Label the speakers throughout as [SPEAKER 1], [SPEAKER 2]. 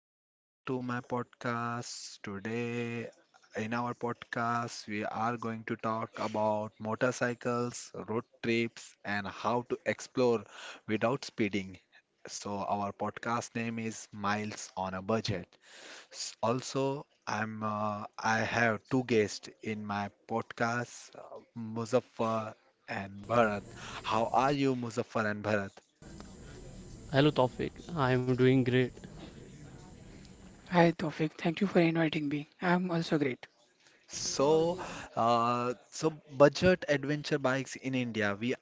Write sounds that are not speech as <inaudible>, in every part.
[SPEAKER 1] welcome back to my podcast. Today, in our podcast, we are going to talk about motorcycles, road trips, and how to explore without speeding. So, our podcast name is Miles on a Budget. S- Also, I'm I have two guests in my podcast, Muzaffar and Bharat. How are you, Muzaffar and Bharat?
[SPEAKER 2] Hello, Tawfiq. I am doing great.
[SPEAKER 3] Hi Tawfiq, thank you for inviting me. I'm also great.
[SPEAKER 1] So, so budget adventure bikes in India. We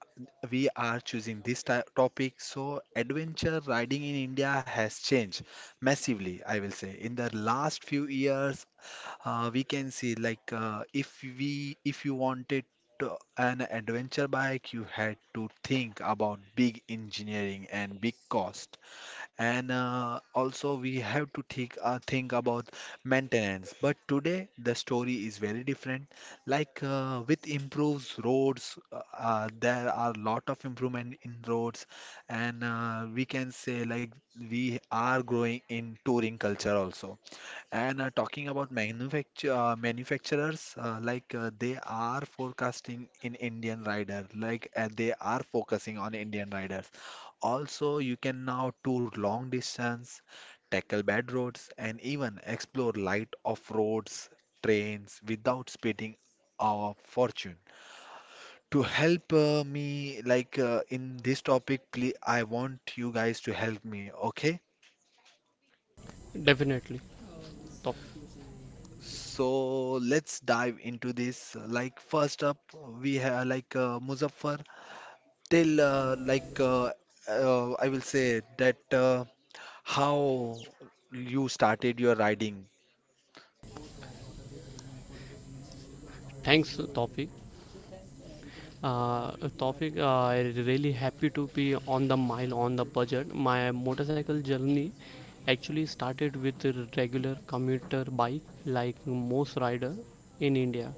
[SPEAKER 1] we are choosing this topic. So, adventure riding in India has changed massively, I will say. In the last few years, we can see if we if you wanted to, an adventure bike, you had to think about big engineering and big cost and also we have to think about maintenance, but today the story is very different, with improves roads, there are lot of improvement in roads, and we can say like we are growing in touring culture also, and talking about manufacturers, they are forecasting in Indian rider, they are focusing on Indian rider. Also, you can now tour long distance, tackle bad roads, and even explore light off roads, trains without spending our fortune. To help me, in this topic, please, I want you guys to help me, okay?
[SPEAKER 2] Definitely. Tawfiq.
[SPEAKER 1] So let's dive into this. Like first up, we have Muzaffar. Tell like I will say that how you started your riding.
[SPEAKER 2] Thanks, Tawfiq. Uh, Tawfiq, I really happy to be on the mile on the budget. My motorcycle journey actually started with a regular commuter bike, like most rider in India.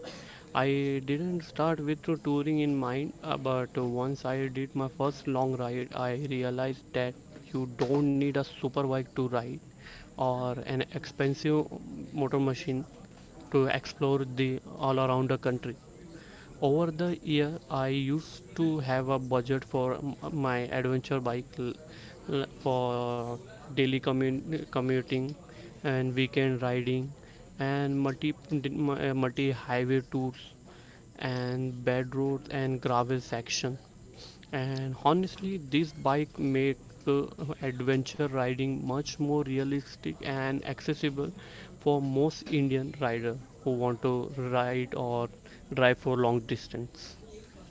[SPEAKER 2] I didn't start with to touring in mind, but once I did my first long ride, I realized that you don't need a super bike to ride or an expensive motor machine to explore the all around the country over the year. I used to have a budget for my adventure bike for daily commuting and weekend riding and multi highway tours and bad roads and gravel section. And honestly, this bike make uh, adventure riding much more realistic and accessible for most Indian rider who want to ride or drive for long distance.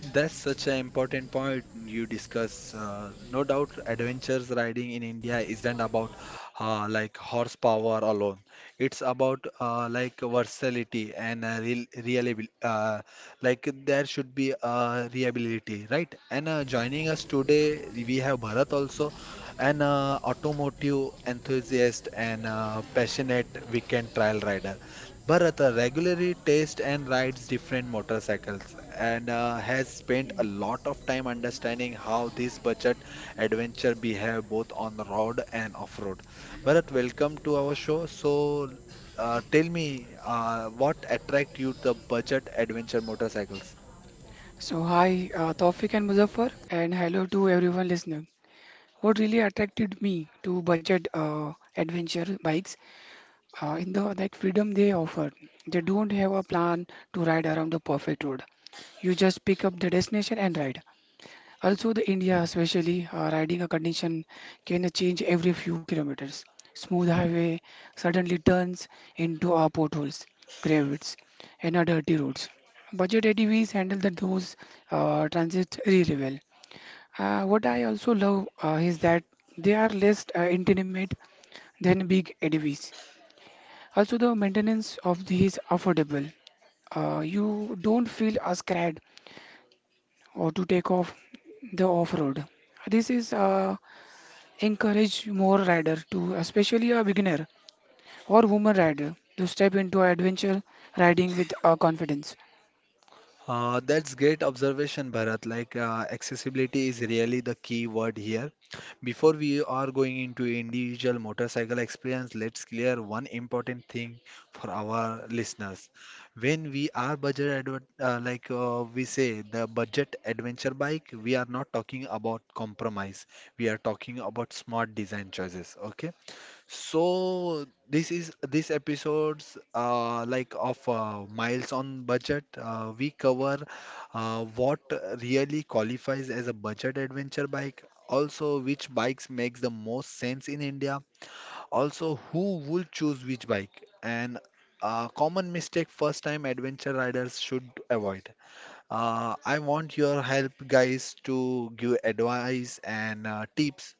[SPEAKER 1] That's such an important point you discuss. No doubt, adventures riding in India isn't about horsepower alone. It's about versatility and real reliability. Like there should be reliability, right? And joining us today, we have Bharat also, an automotive enthusiast and passionate weekend trial rider. Bharata regularly tests and rides different motorcycles and has spent a lot of time understanding how these budget adventure behave both on the road and off road. Bharat, welcome to our show. So, tell me, what attract you the budget adventure motorcycles?
[SPEAKER 3] So hi Tawfiq and Muzaffar, and hello to everyone listening. What really attracted me to budget adventure bikes in the like freedom they offer. They don't have a plan to ride around the perfect road. You just pick up the destination and ride. Also, the India, especially riding a condition, can change every few kilometers. Smooth highway suddenly turns into our potholes, cravats, and our dirty roads. Budget ATVs handle that those transits really well. What I also love is that they are less intimate than big ATVs. Also, the maintenance of these affordable. You don't feel as scared or to take off the off-road. This is encourage more rider to, especially a beginner or woman rider, to step into adventure riding with confidence.
[SPEAKER 1] That's great observation, Bharat. Like, accessibility is really the key word here. Before we are going into individual motorcycle experience, let's clear one important thing for our listeners. When we are budget adver like we say the budget adventure bike, we are not talking about compromise. We are talking about smart design choices. Okay. So this is this episode's of Miles on Budget. We cover what really qualifies as a budget adventure bike, also which bikes makes the most sense in India, also who would choose which bike, and a common mistake first-time adventure riders should avoid. I want your help, guys, to give advice and tips.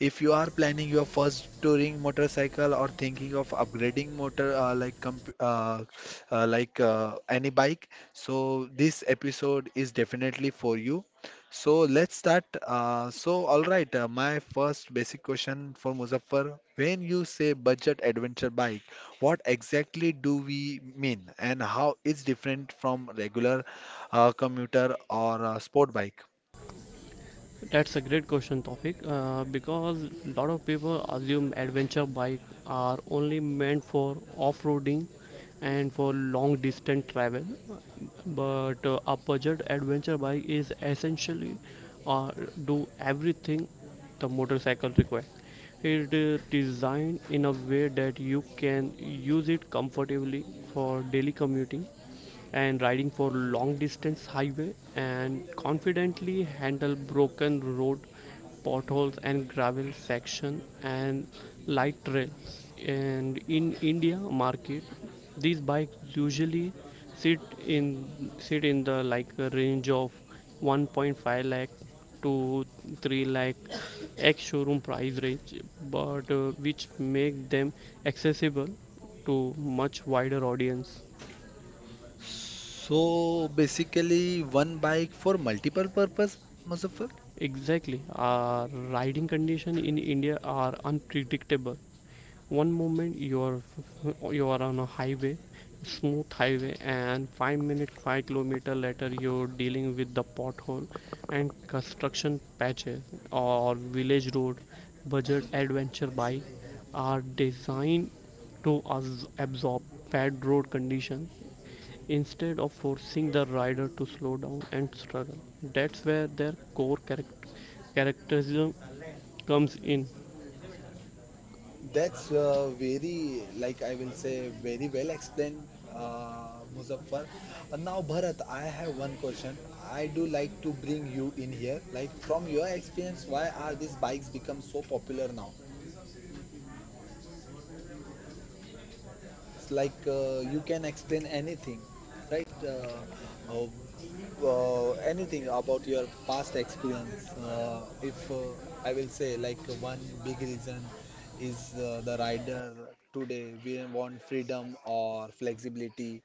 [SPEAKER 1] If you are planning your first touring motorcycle or thinking of upgrading motor like comp like any bike, so this episode is definitely for you. So let's start. So all right, my first basic question for Muzaffar, when you say budget adventure bike, what exactly do we mean and how it's different from regular a commuter or a sport bike.
[SPEAKER 2] That's a great question, Tofik. Because a lot of people assume adventure bike are only meant for off-roading and for long distance travel, but a budget adventure bike is essentially uh, do everything the motorcycle requires. It is designed in a way that you can use it comfortably for daily commuting and riding for long distance highway and confidently handle broken road potholes and gravel section and light trails. And in india market, these bikes usually sit in sit in the like a range of 1.5 lakh to 3 lakh ex showroom price range, but which make them accessible to much wider audience.
[SPEAKER 1] So basically one bike for multiple purpose, Muzaffar?
[SPEAKER 2] Exactly. Riding condition in India are unpredictable. One moment you are <laughs> you are on a highway, smooth highway, and 5 minute, 5 kilometer later you're dealing with the pothole and construction patches or village road. Budget adventure bike are designed to absorb bad road condition instead of forcing the rider to slow down and struggle. That's where their core characterism comes in.
[SPEAKER 1] That's very, like I will say, very well explained, Muzaffar. Now, Bharat, I have one question. I do like to bring you in here. Like from your experience, why are these bikes become so popular now? It's you can explain anything, right? Uh, anything about your past experience. If I will say, like, one big reason is the rider today we want freedom or flexibility,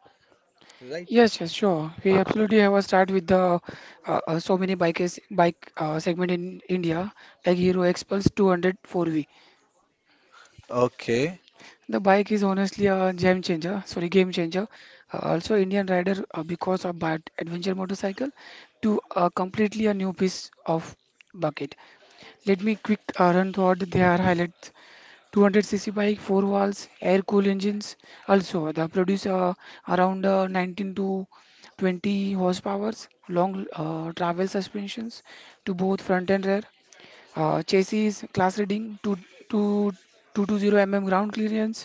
[SPEAKER 1] right?
[SPEAKER 3] Yes, yes, sure. We absolutely have a start with the so many bike segment in India like Hero Xpulse 200 4V.
[SPEAKER 1] Okay.
[SPEAKER 3] The bike is honestly a game changer. Sorry, game changer. Also, Indian rider because of bad adventure motorcycle to completely a new piece of bucket. Let me quick run throughout their highlights 200cc bike, four valves, air-cooled engines. Also, they produce around 19 to 20 horsepowers, long travel suspensions to both front and rear. Chassis class leading two to 220 mm ground clearance.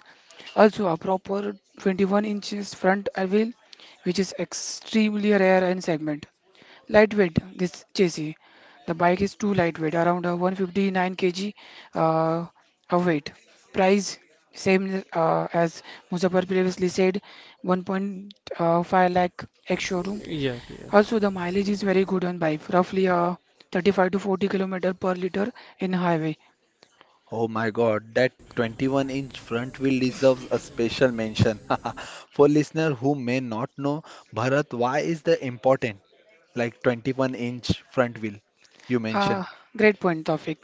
[SPEAKER 3] Also, a proper 21 inches front wheel, which is extremely rare in segment. Lightweight, this chassis. The bike is too lightweight, around 159 kg uh, of weight. Price same as Muzaffar previously said, 1.5 lakh ex showroom.
[SPEAKER 2] Yes, yes,
[SPEAKER 3] Also, the mileage is very good on bike, roughly 35 to 40 kilometer per liter in highway.
[SPEAKER 1] Oh my God, that 21-inch front wheel deserves a special mention. <laughs> For listener who may not know, Bharat, why is that important? Like 21-inch front wheel you mentioned.
[SPEAKER 3] Ah, great point, Tawfiq.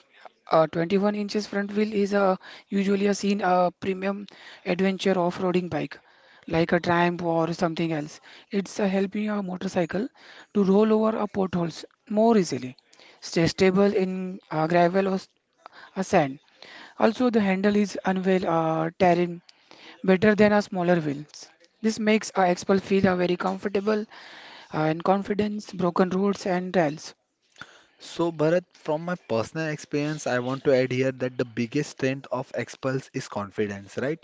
[SPEAKER 3] A 21 inches front wheel is usually a seen a premium adventure off-roading bike, like a Triumph or something else. It's helping a motorcycle to roll over a potholes more easily, stay stable in gravel or sand. Also, the handle is unveil terrain better than a smaller wheels. This makes a expel feel very comfortable and confidence, broken roads and trails.
[SPEAKER 1] So, Bharat, from my personal experience, I want to add here that the biggest strength of Xpulse is confidence, right?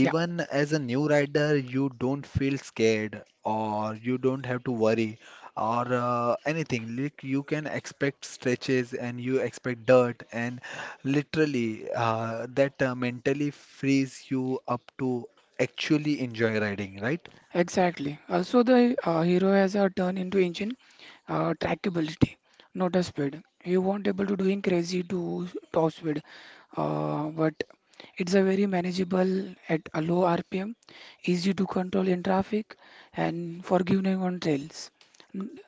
[SPEAKER 3] Yeah.
[SPEAKER 1] as a new rider, you don't feel scared or you don't have to worry or anything. Like you can expect stretches and you expect dirt, and literally that mentally frees you up to actually enjoy riding, right?
[SPEAKER 3] Exactly. Also, the hero has a turn into engine trackability, not a speed. You won't able to doing crazy to top speed, but it's a very manageable at a low RPM, easy to control in traffic, and forgiving on trails. N-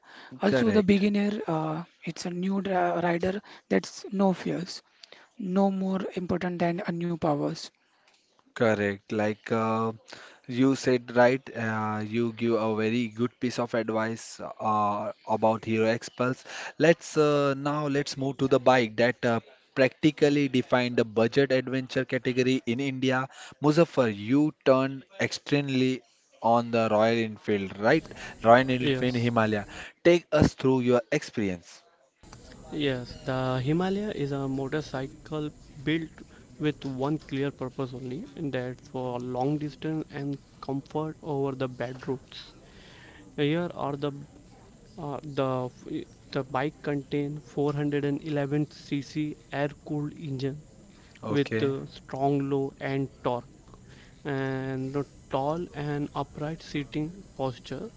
[SPEAKER 3] Also, the
[SPEAKER 1] Correct.
[SPEAKER 3] beginner, it's a new rider that's no fears, no more important than a new powers.
[SPEAKER 1] Correct. You said, right? You give a very good piece of advice about Hero Xpulse. Let's now let's move to the bike that practically defined the budget adventure category in India. Muzaffar, you turned extremely on the Royal Enfield, right? Royal Enfield
[SPEAKER 2] yes,
[SPEAKER 1] Himalaya. Take us through your experience.
[SPEAKER 2] yes. The Himalaya is a motorcycle built with one clear purpose only, and that's for long distance and comfort over the bad roads. Here are Uh, the the bike contained 411 cc air-cooled engine with
[SPEAKER 1] Okay.
[SPEAKER 2] strong low and torque and the tall and upright seating posture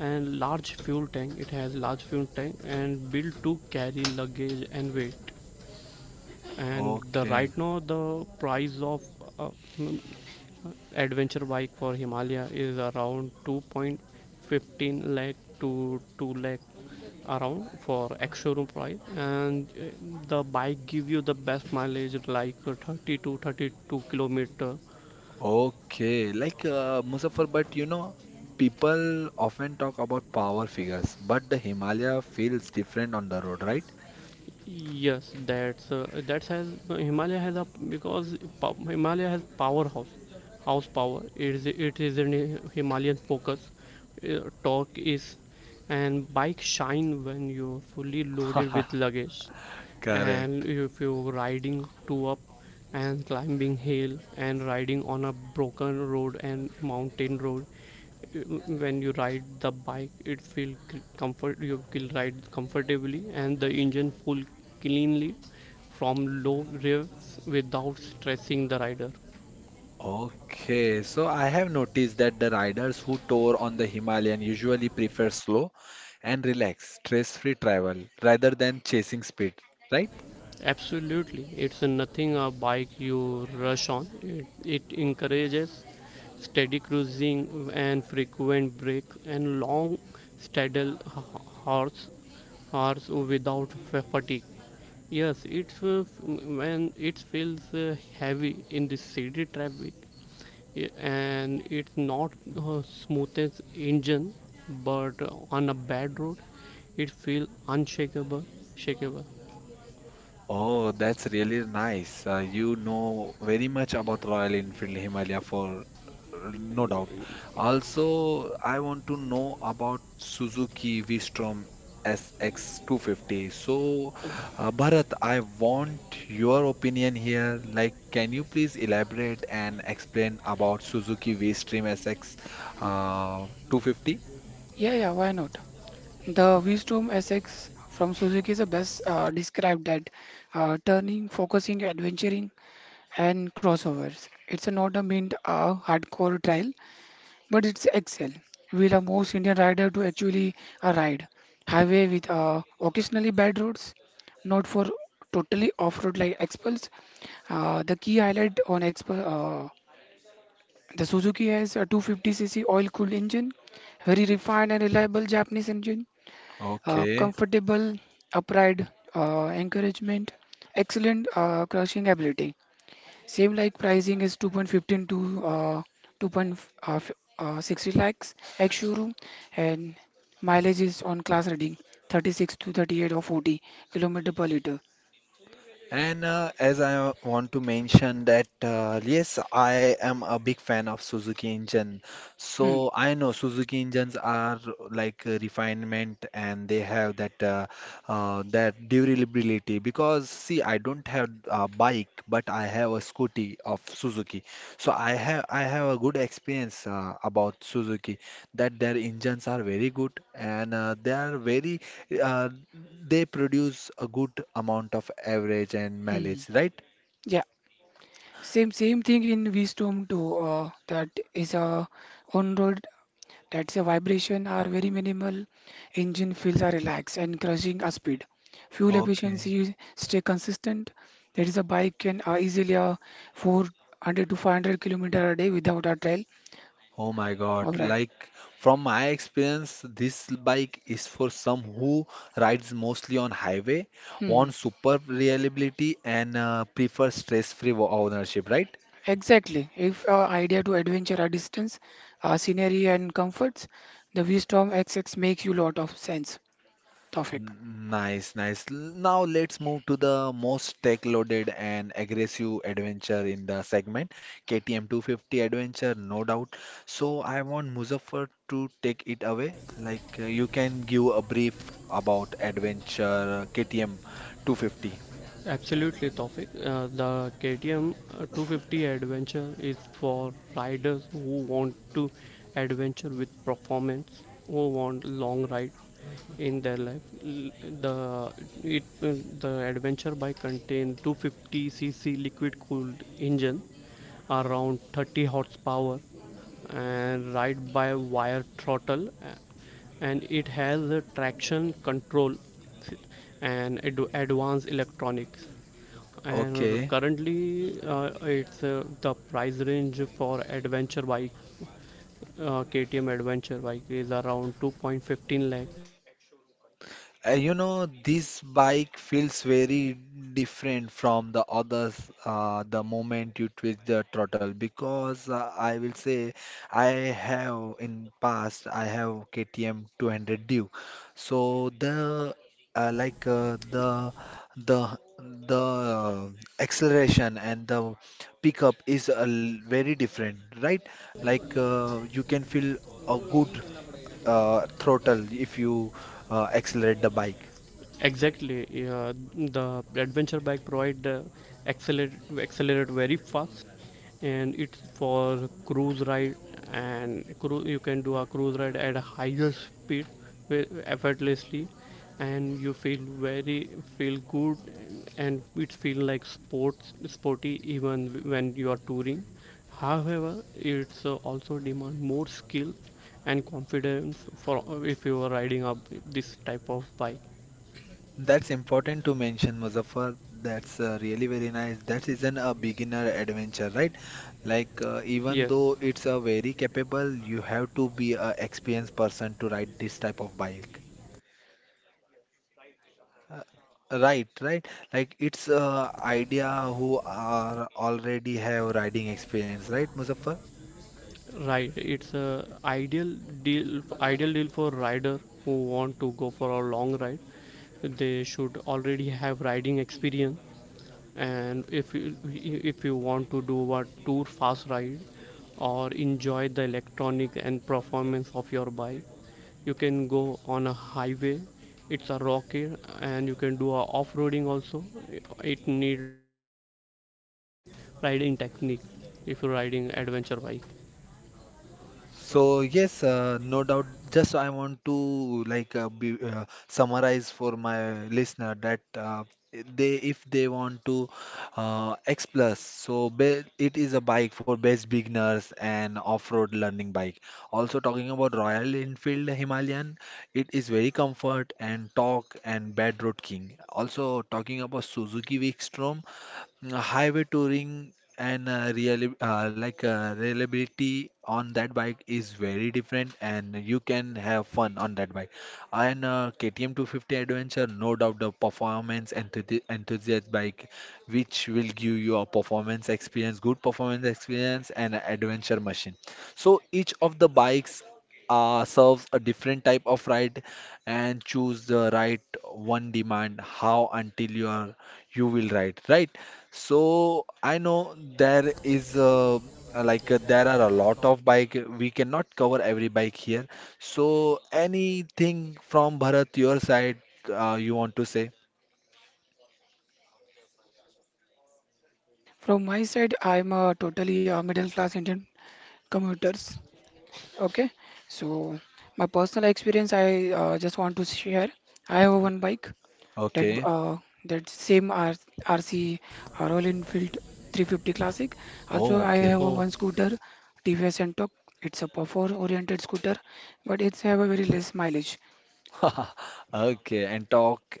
[SPEAKER 2] and large fuel tank and built to carry luggage and weight. And the
[SPEAKER 1] Okay.
[SPEAKER 2] right now the price of uh, mm, uh, adventure bike for Himalaya is around 2.15 lakh to 2 lakh around for ex-showroom price. And the bike give you the best mileage like 30 kilometer.
[SPEAKER 1] Okay, Muzaffar, but you know, people often talk about power figures, but the Himalaya feels different on the road, right?
[SPEAKER 2] Yes, that's has Himalaya has a because pow- Himalaya has powerhouse, house power. It is an Himalayan focus. Torque is, and bike shine when you're fully loaded with
[SPEAKER 1] <laughs>
[SPEAKER 2] luggage, and
[SPEAKER 1] Correct.
[SPEAKER 2] if you're riding two up, and climbing hill and riding on a broken road and mountain road. When you ride the bike it feel c- comfort you will ride comfortably and the engine pull cleanly from low revs without stressing the rider.
[SPEAKER 1] Okay, so I have noticed that the riders who tour on the Himalayan usually prefer slow and relaxed, stress-free travel rather than chasing speed, right?
[SPEAKER 2] Absolutely, it's nothing a bike you rush on. It encourages steady cruising and frequent breaks and long saddle hours, hours without fatigue. Yes, it's when it feels heavy in the city traffic and it's not smoothest engine, but on a bad road, it feels unshakable, shakeable.
[SPEAKER 1] Oh, that's really nice. You know very much about Royal Enfield Himalaya for no doubt. Also, I want to know about Suzuki V-Strom SX250. So, Bharat, I want your opinion here. Like, can you please elaborate and explain about Suzuki V-Strom SX uh, 250?
[SPEAKER 3] Yeah, yeah, why not? The Wisdom SX from Suzuki is the best described that turning, focusing, adventuring, and crossovers. It's not a meant hardcore trail, but it's excel. Will a most Indian rider to actually ride highway with occasionally bad roads, not for totally off-road like experts. The key highlight on expo the Suzuki has a 250cc oil-cooled engine, very refined and reliable Japanese engine
[SPEAKER 1] Okay.
[SPEAKER 3] comfortable, upright, encouragement, excellent crushing ability. Same like pricing is 2.15 to 2.60 lakhs ex showroom, and mileage is on class reading 36 to 38 or 40 kilometer per liter.
[SPEAKER 1] And as I want to mention that yes, I am a big fan of Suzuki engine.
[SPEAKER 3] Hmm.
[SPEAKER 1] So I know Suzuki engines are like a refinement, and they have that that durability. Because see, I don't have a bike, but I have a scooty of Suzuki. So I have a good experience about Suzuki, that their engines are very good and they are very uh, they produce a good amount of average and
[SPEAKER 3] Hmm.
[SPEAKER 1] mileage, right?
[SPEAKER 3] Yeah, same thing in V-Storm too. That is a on-road. That's a vibration are very minimal. Engine feels are relaxed and cruising a speed. Fuel
[SPEAKER 1] Okay.
[SPEAKER 3] efficiency stay consistent. That is a bike can easily 400 to 500 kilometer a day without a trail
[SPEAKER 1] Oh my
[SPEAKER 3] or
[SPEAKER 1] God.
[SPEAKER 3] ride.
[SPEAKER 1] Like from my experience, this bike is for some who rides mostly on highway,
[SPEAKER 3] Hmm.
[SPEAKER 1] want super reliability and prefer stress-free ownership, right?
[SPEAKER 3] Exactly. If idea to adventure a distance, scenery and comforts, the Wisdom XX makes you lot of sense. Tofik.
[SPEAKER 1] Nice, nice. Now let's move to the most tech-loaded and aggressive adventure in the segment, KTM 250 adventure, no doubt. So I want Muzaffar to take it away. You can give a brief about adventure KTM 250.
[SPEAKER 2] Absolutely, Tawfiq. The KTM 250 Adventure is for riders who want to adventure with performance, who want long ride, in their life. The it the adventure bike contain 250 c c liquid cooled engine, around 30 horsepower, and ride by wire throttle, and it has a traction control s- and advanced electronics. And
[SPEAKER 1] Okay.
[SPEAKER 2] currently it's the price range for adventure bike KTM adventure bike is around 2.15 lakh.
[SPEAKER 1] You know, this bike feels very different from the others the moment you twist the throttle because I will say I have in past I have KTM 200 Duke. So the uh, like uh, the the the acceleration and the pickup is very different, right? You can feel a good throttle if you accelerate the bike.
[SPEAKER 2] Exactly. Yeah, the adventure bike provide accelerate accelerate very fast, and it's for cruise ride and you can do a cruise ride at a higher speed effortlessly, and you feel very feel good and it feel like sports sporty even when you are touring. However, it's also demand more skill and confidence for if you are riding up this type of bike.
[SPEAKER 1] That's important to mention, Muzaffar. That's really very nice. That isn't a beginner adventure, right? Even
[SPEAKER 2] Yes,
[SPEAKER 1] though it's a very capable, you have to be a experienced person to ride this type of bike. Uh, right, right. Like it's idea who are already have riding experience, right, Muzaffar?
[SPEAKER 2] right. It's a ideal deal for rider who want to go for a long ride. They should already have riding experience. And if you want to do a tour fast ride or enjoy the electronic and performance of your bike, you can go on a highway. It's a rocky and you can do a off-roading also. It need but you need a proper riding technique if you're riding adventure bike.
[SPEAKER 1] So yes, no doubt. Just I want to summarize for my listener that they if they want to X Plus, so be, it is a bike for best beginners and off-road learning bike. Also talking about Royal Enfield Himalayan, it is very comfort and talk and bad road king. Also talking about Suzuki Wickstrom, highway touring and really reliability on that bike is very different and you can have fun on that bike, and KTM 250 Adventure, no doubt the enthusiast bike, which will give you a performance experience, good performance experience, and a adventure machine. So each of the bikes serves a different type of ride, and choose the right one demand how until you are you will ride right. So I know there is there are a lot of bike, we cannot cover every bike here. So anything from Bharat your side you want to say?
[SPEAKER 3] From my side, I'm a totally middle class Indian commuter. Okay, so my personal experience, I just want to share. I have one bike that
[SPEAKER 1] Okay.
[SPEAKER 3] that same R RC Royal Enfield 350 Classic. Also,
[SPEAKER 1] Oh,
[SPEAKER 3] I have a
[SPEAKER 1] okay.
[SPEAKER 3] one
[SPEAKER 2] Oh
[SPEAKER 3] scooter, TVS Ntorq. It's a perform oriented scooter, but it's have a very less mileage.
[SPEAKER 1] <laughs> Okay, and talk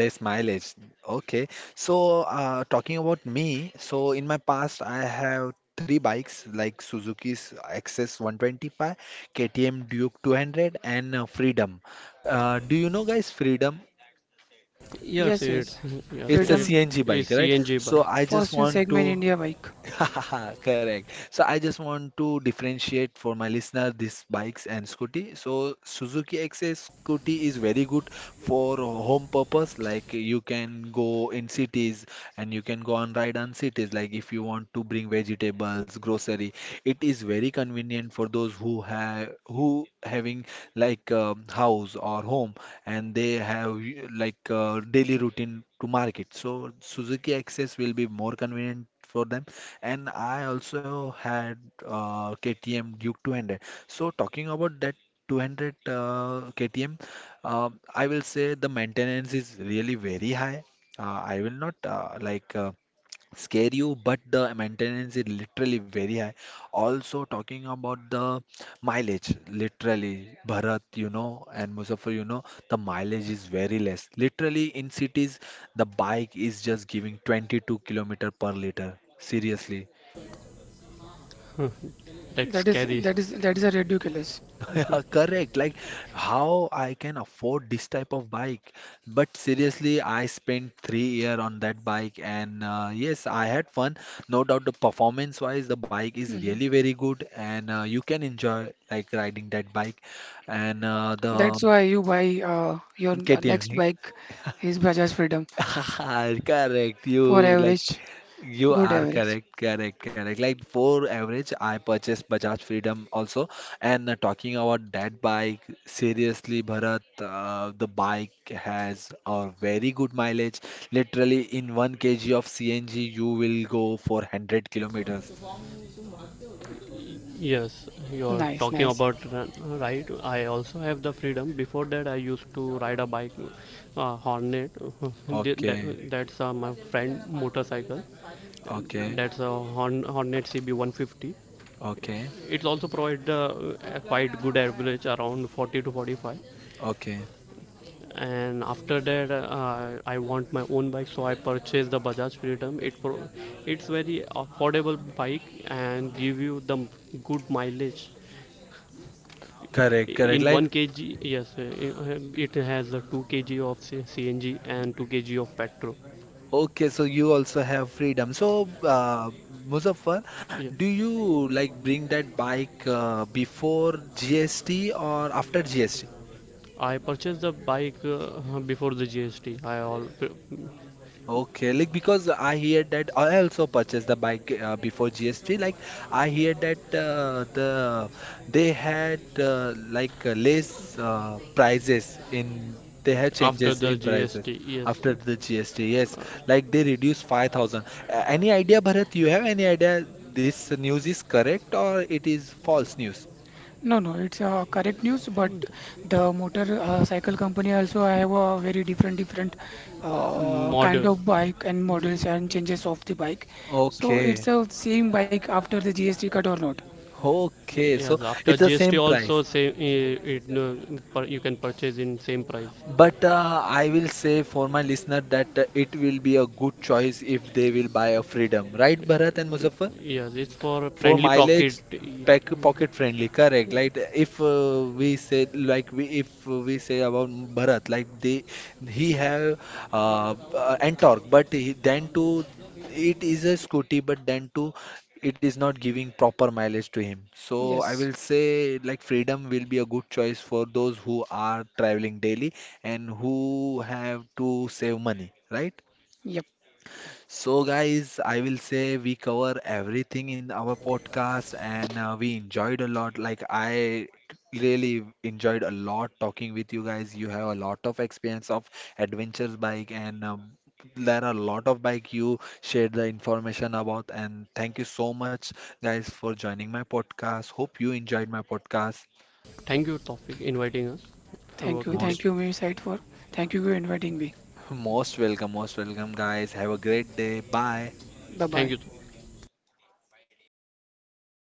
[SPEAKER 1] less mileage. Okay, so talking about me, so in my past, I have three bikes like Suzuki's Access 125, KTM Duke 200, and Freedom. Do you know, guys, Freedom?
[SPEAKER 2] yes,
[SPEAKER 3] Yes,
[SPEAKER 2] it's
[SPEAKER 3] yes.
[SPEAKER 2] yes,
[SPEAKER 1] It's a
[SPEAKER 2] it
[SPEAKER 3] Freedom
[SPEAKER 1] CNG
[SPEAKER 2] is
[SPEAKER 1] bike, right?
[SPEAKER 2] cng
[SPEAKER 1] So
[SPEAKER 2] bike.
[SPEAKER 1] I just
[SPEAKER 3] first in
[SPEAKER 1] want
[SPEAKER 3] segment
[SPEAKER 1] to,
[SPEAKER 3] India bike.
[SPEAKER 1] <laughs> correct. So I just want to differentiate for my listener these bikes and scooty. So Suzuki XS scooty is very good for home purpose. Like you can go in cities and you can go on ride on cities. Like if you want to bring vegetables, grocery, it is very convenient for those who have who having like house or home and they have daily routine to market. So Suzuki Access will be more convenient for them, and I also had KTM Duke 200. So talking about that 200 uh, KTM, I will say the maintenance is really very high. I will not scare you, but the maintenance is literally very high. Also talking about the mileage, literally Bharat, you know, and Muzaffar, you know, the mileage is very less. Literally in cities, the bike is just giving 22 kilometer per liter. Seriously.
[SPEAKER 2] That's
[SPEAKER 3] That is
[SPEAKER 2] scary.
[SPEAKER 3] that is that is a ridiculous.
[SPEAKER 1] <laughs> Yeah, correct. Like how I can afford this type of bike. But seriously, I spent 3 year on that bike, and yes, I had fun. No doubt, the performance wise, the bike is
[SPEAKER 3] Mhm.
[SPEAKER 1] really very good, and you can enjoy like riding that bike. And uh,
[SPEAKER 3] That's why you
[SPEAKER 1] the
[SPEAKER 3] buy your next
[SPEAKER 1] KTM,
[SPEAKER 3] bike is Bajaj Freedom
[SPEAKER 1] <laughs> correct.
[SPEAKER 3] for
[SPEAKER 1] You like
[SPEAKER 3] average.
[SPEAKER 1] you
[SPEAKER 3] Good
[SPEAKER 1] are
[SPEAKER 3] average.
[SPEAKER 1] correct, correct, correct. Like for average, I purchased Bajaj Freedom also. And talking about that bike, seriously, Bharat, the bike has a very good mileage. Literally, in 1 kg of CNG, you will go for 100 kilometers.
[SPEAKER 2] Yes, you're
[SPEAKER 3] Nice,
[SPEAKER 2] talking
[SPEAKER 3] nice.
[SPEAKER 2] about right. I also have the freedom. Before that, I used to ride a bike, Hornet. <laughs> Th-
[SPEAKER 1] Okay,
[SPEAKER 2] that, that's uh, my friend motorcycle.
[SPEAKER 1] okay,
[SPEAKER 2] That's a Hornet CB 150.
[SPEAKER 1] okay,
[SPEAKER 2] It's also provide a quite good average, around 40 to 45.
[SPEAKER 1] okay.
[SPEAKER 2] And after that, I want my own bike, so I purchased the Bajaj Freedom. It's very affordable bike and give you the good mileage.
[SPEAKER 1] Correct, correct.
[SPEAKER 2] In
[SPEAKER 1] Like
[SPEAKER 2] 1 kg, yes, it has a 2 kg of CNG and 2 kg of petrol.
[SPEAKER 1] okay, so you also have freedom. So, Muzaffar,
[SPEAKER 2] Yeah.
[SPEAKER 1] do you like bring that bike before GST or after GST?
[SPEAKER 2] I purchased the bike before the GST. I all
[SPEAKER 1] Okay, like because I hear that I also purchased the bike before GST. Like I hear that they had less prices in they had
[SPEAKER 2] after
[SPEAKER 1] changes
[SPEAKER 2] the
[SPEAKER 1] in prices
[SPEAKER 2] GST, yes,
[SPEAKER 1] after the GST. Yes, like they reduced 5,000. Any idea, Bharat? You have any idea this news is correct or it is false news?
[SPEAKER 3] No, no, it's correct news, but the motor cycle company also have a very different kind
[SPEAKER 2] model.
[SPEAKER 3] of bike and models and changes of the bike. So
[SPEAKER 1] Okay,
[SPEAKER 3] it's a same bike after the GST cut or not.
[SPEAKER 1] okay. So
[SPEAKER 2] Yes, after
[SPEAKER 1] it's the
[SPEAKER 2] GST
[SPEAKER 1] same
[SPEAKER 2] also
[SPEAKER 1] price.
[SPEAKER 2] same it you can purchase in same price.
[SPEAKER 1] But I will say for my listener that it will be a good choice if they will buy a Freedom, right, Bharat and Muzaffar?
[SPEAKER 2] Yes, it's for
[SPEAKER 1] For
[SPEAKER 2] friendly pocket.
[SPEAKER 1] mileage, pack pocket friendly, correct. Like if we say like we if we say about Bharat, like they he have and torque, but he, then too it is a scooty, but then too it is not giving proper mileage to him. So I
[SPEAKER 3] Yes.
[SPEAKER 1] will say like Freedom will be a good choice for those who are traveling daily and who have to save money, right?
[SPEAKER 3] Yep.
[SPEAKER 1] So, guys, I will say we cover everything in our podcast and we enjoyed a lot. Like, I really enjoyed a lot talking with you guys. You have a lot of experience of adventures bike, and there are a lot of bike you shared the information about. And thank you so much, guys, for joining my podcast. Hope you enjoyed my podcast.
[SPEAKER 2] Thank you, Tofik, inviting us. Have a
[SPEAKER 3] Thank you.
[SPEAKER 2] good day.
[SPEAKER 3] Thank
[SPEAKER 1] Most,
[SPEAKER 3] you, Site for. Thank you for inviting me.
[SPEAKER 1] <laughs> most welcome, guys. Have a great day. Bye.
[SPEAKER 3] Bye
[SPEAKER 2] Thank
[SPEAKER 3] bye.
[SPEAKER 2] you.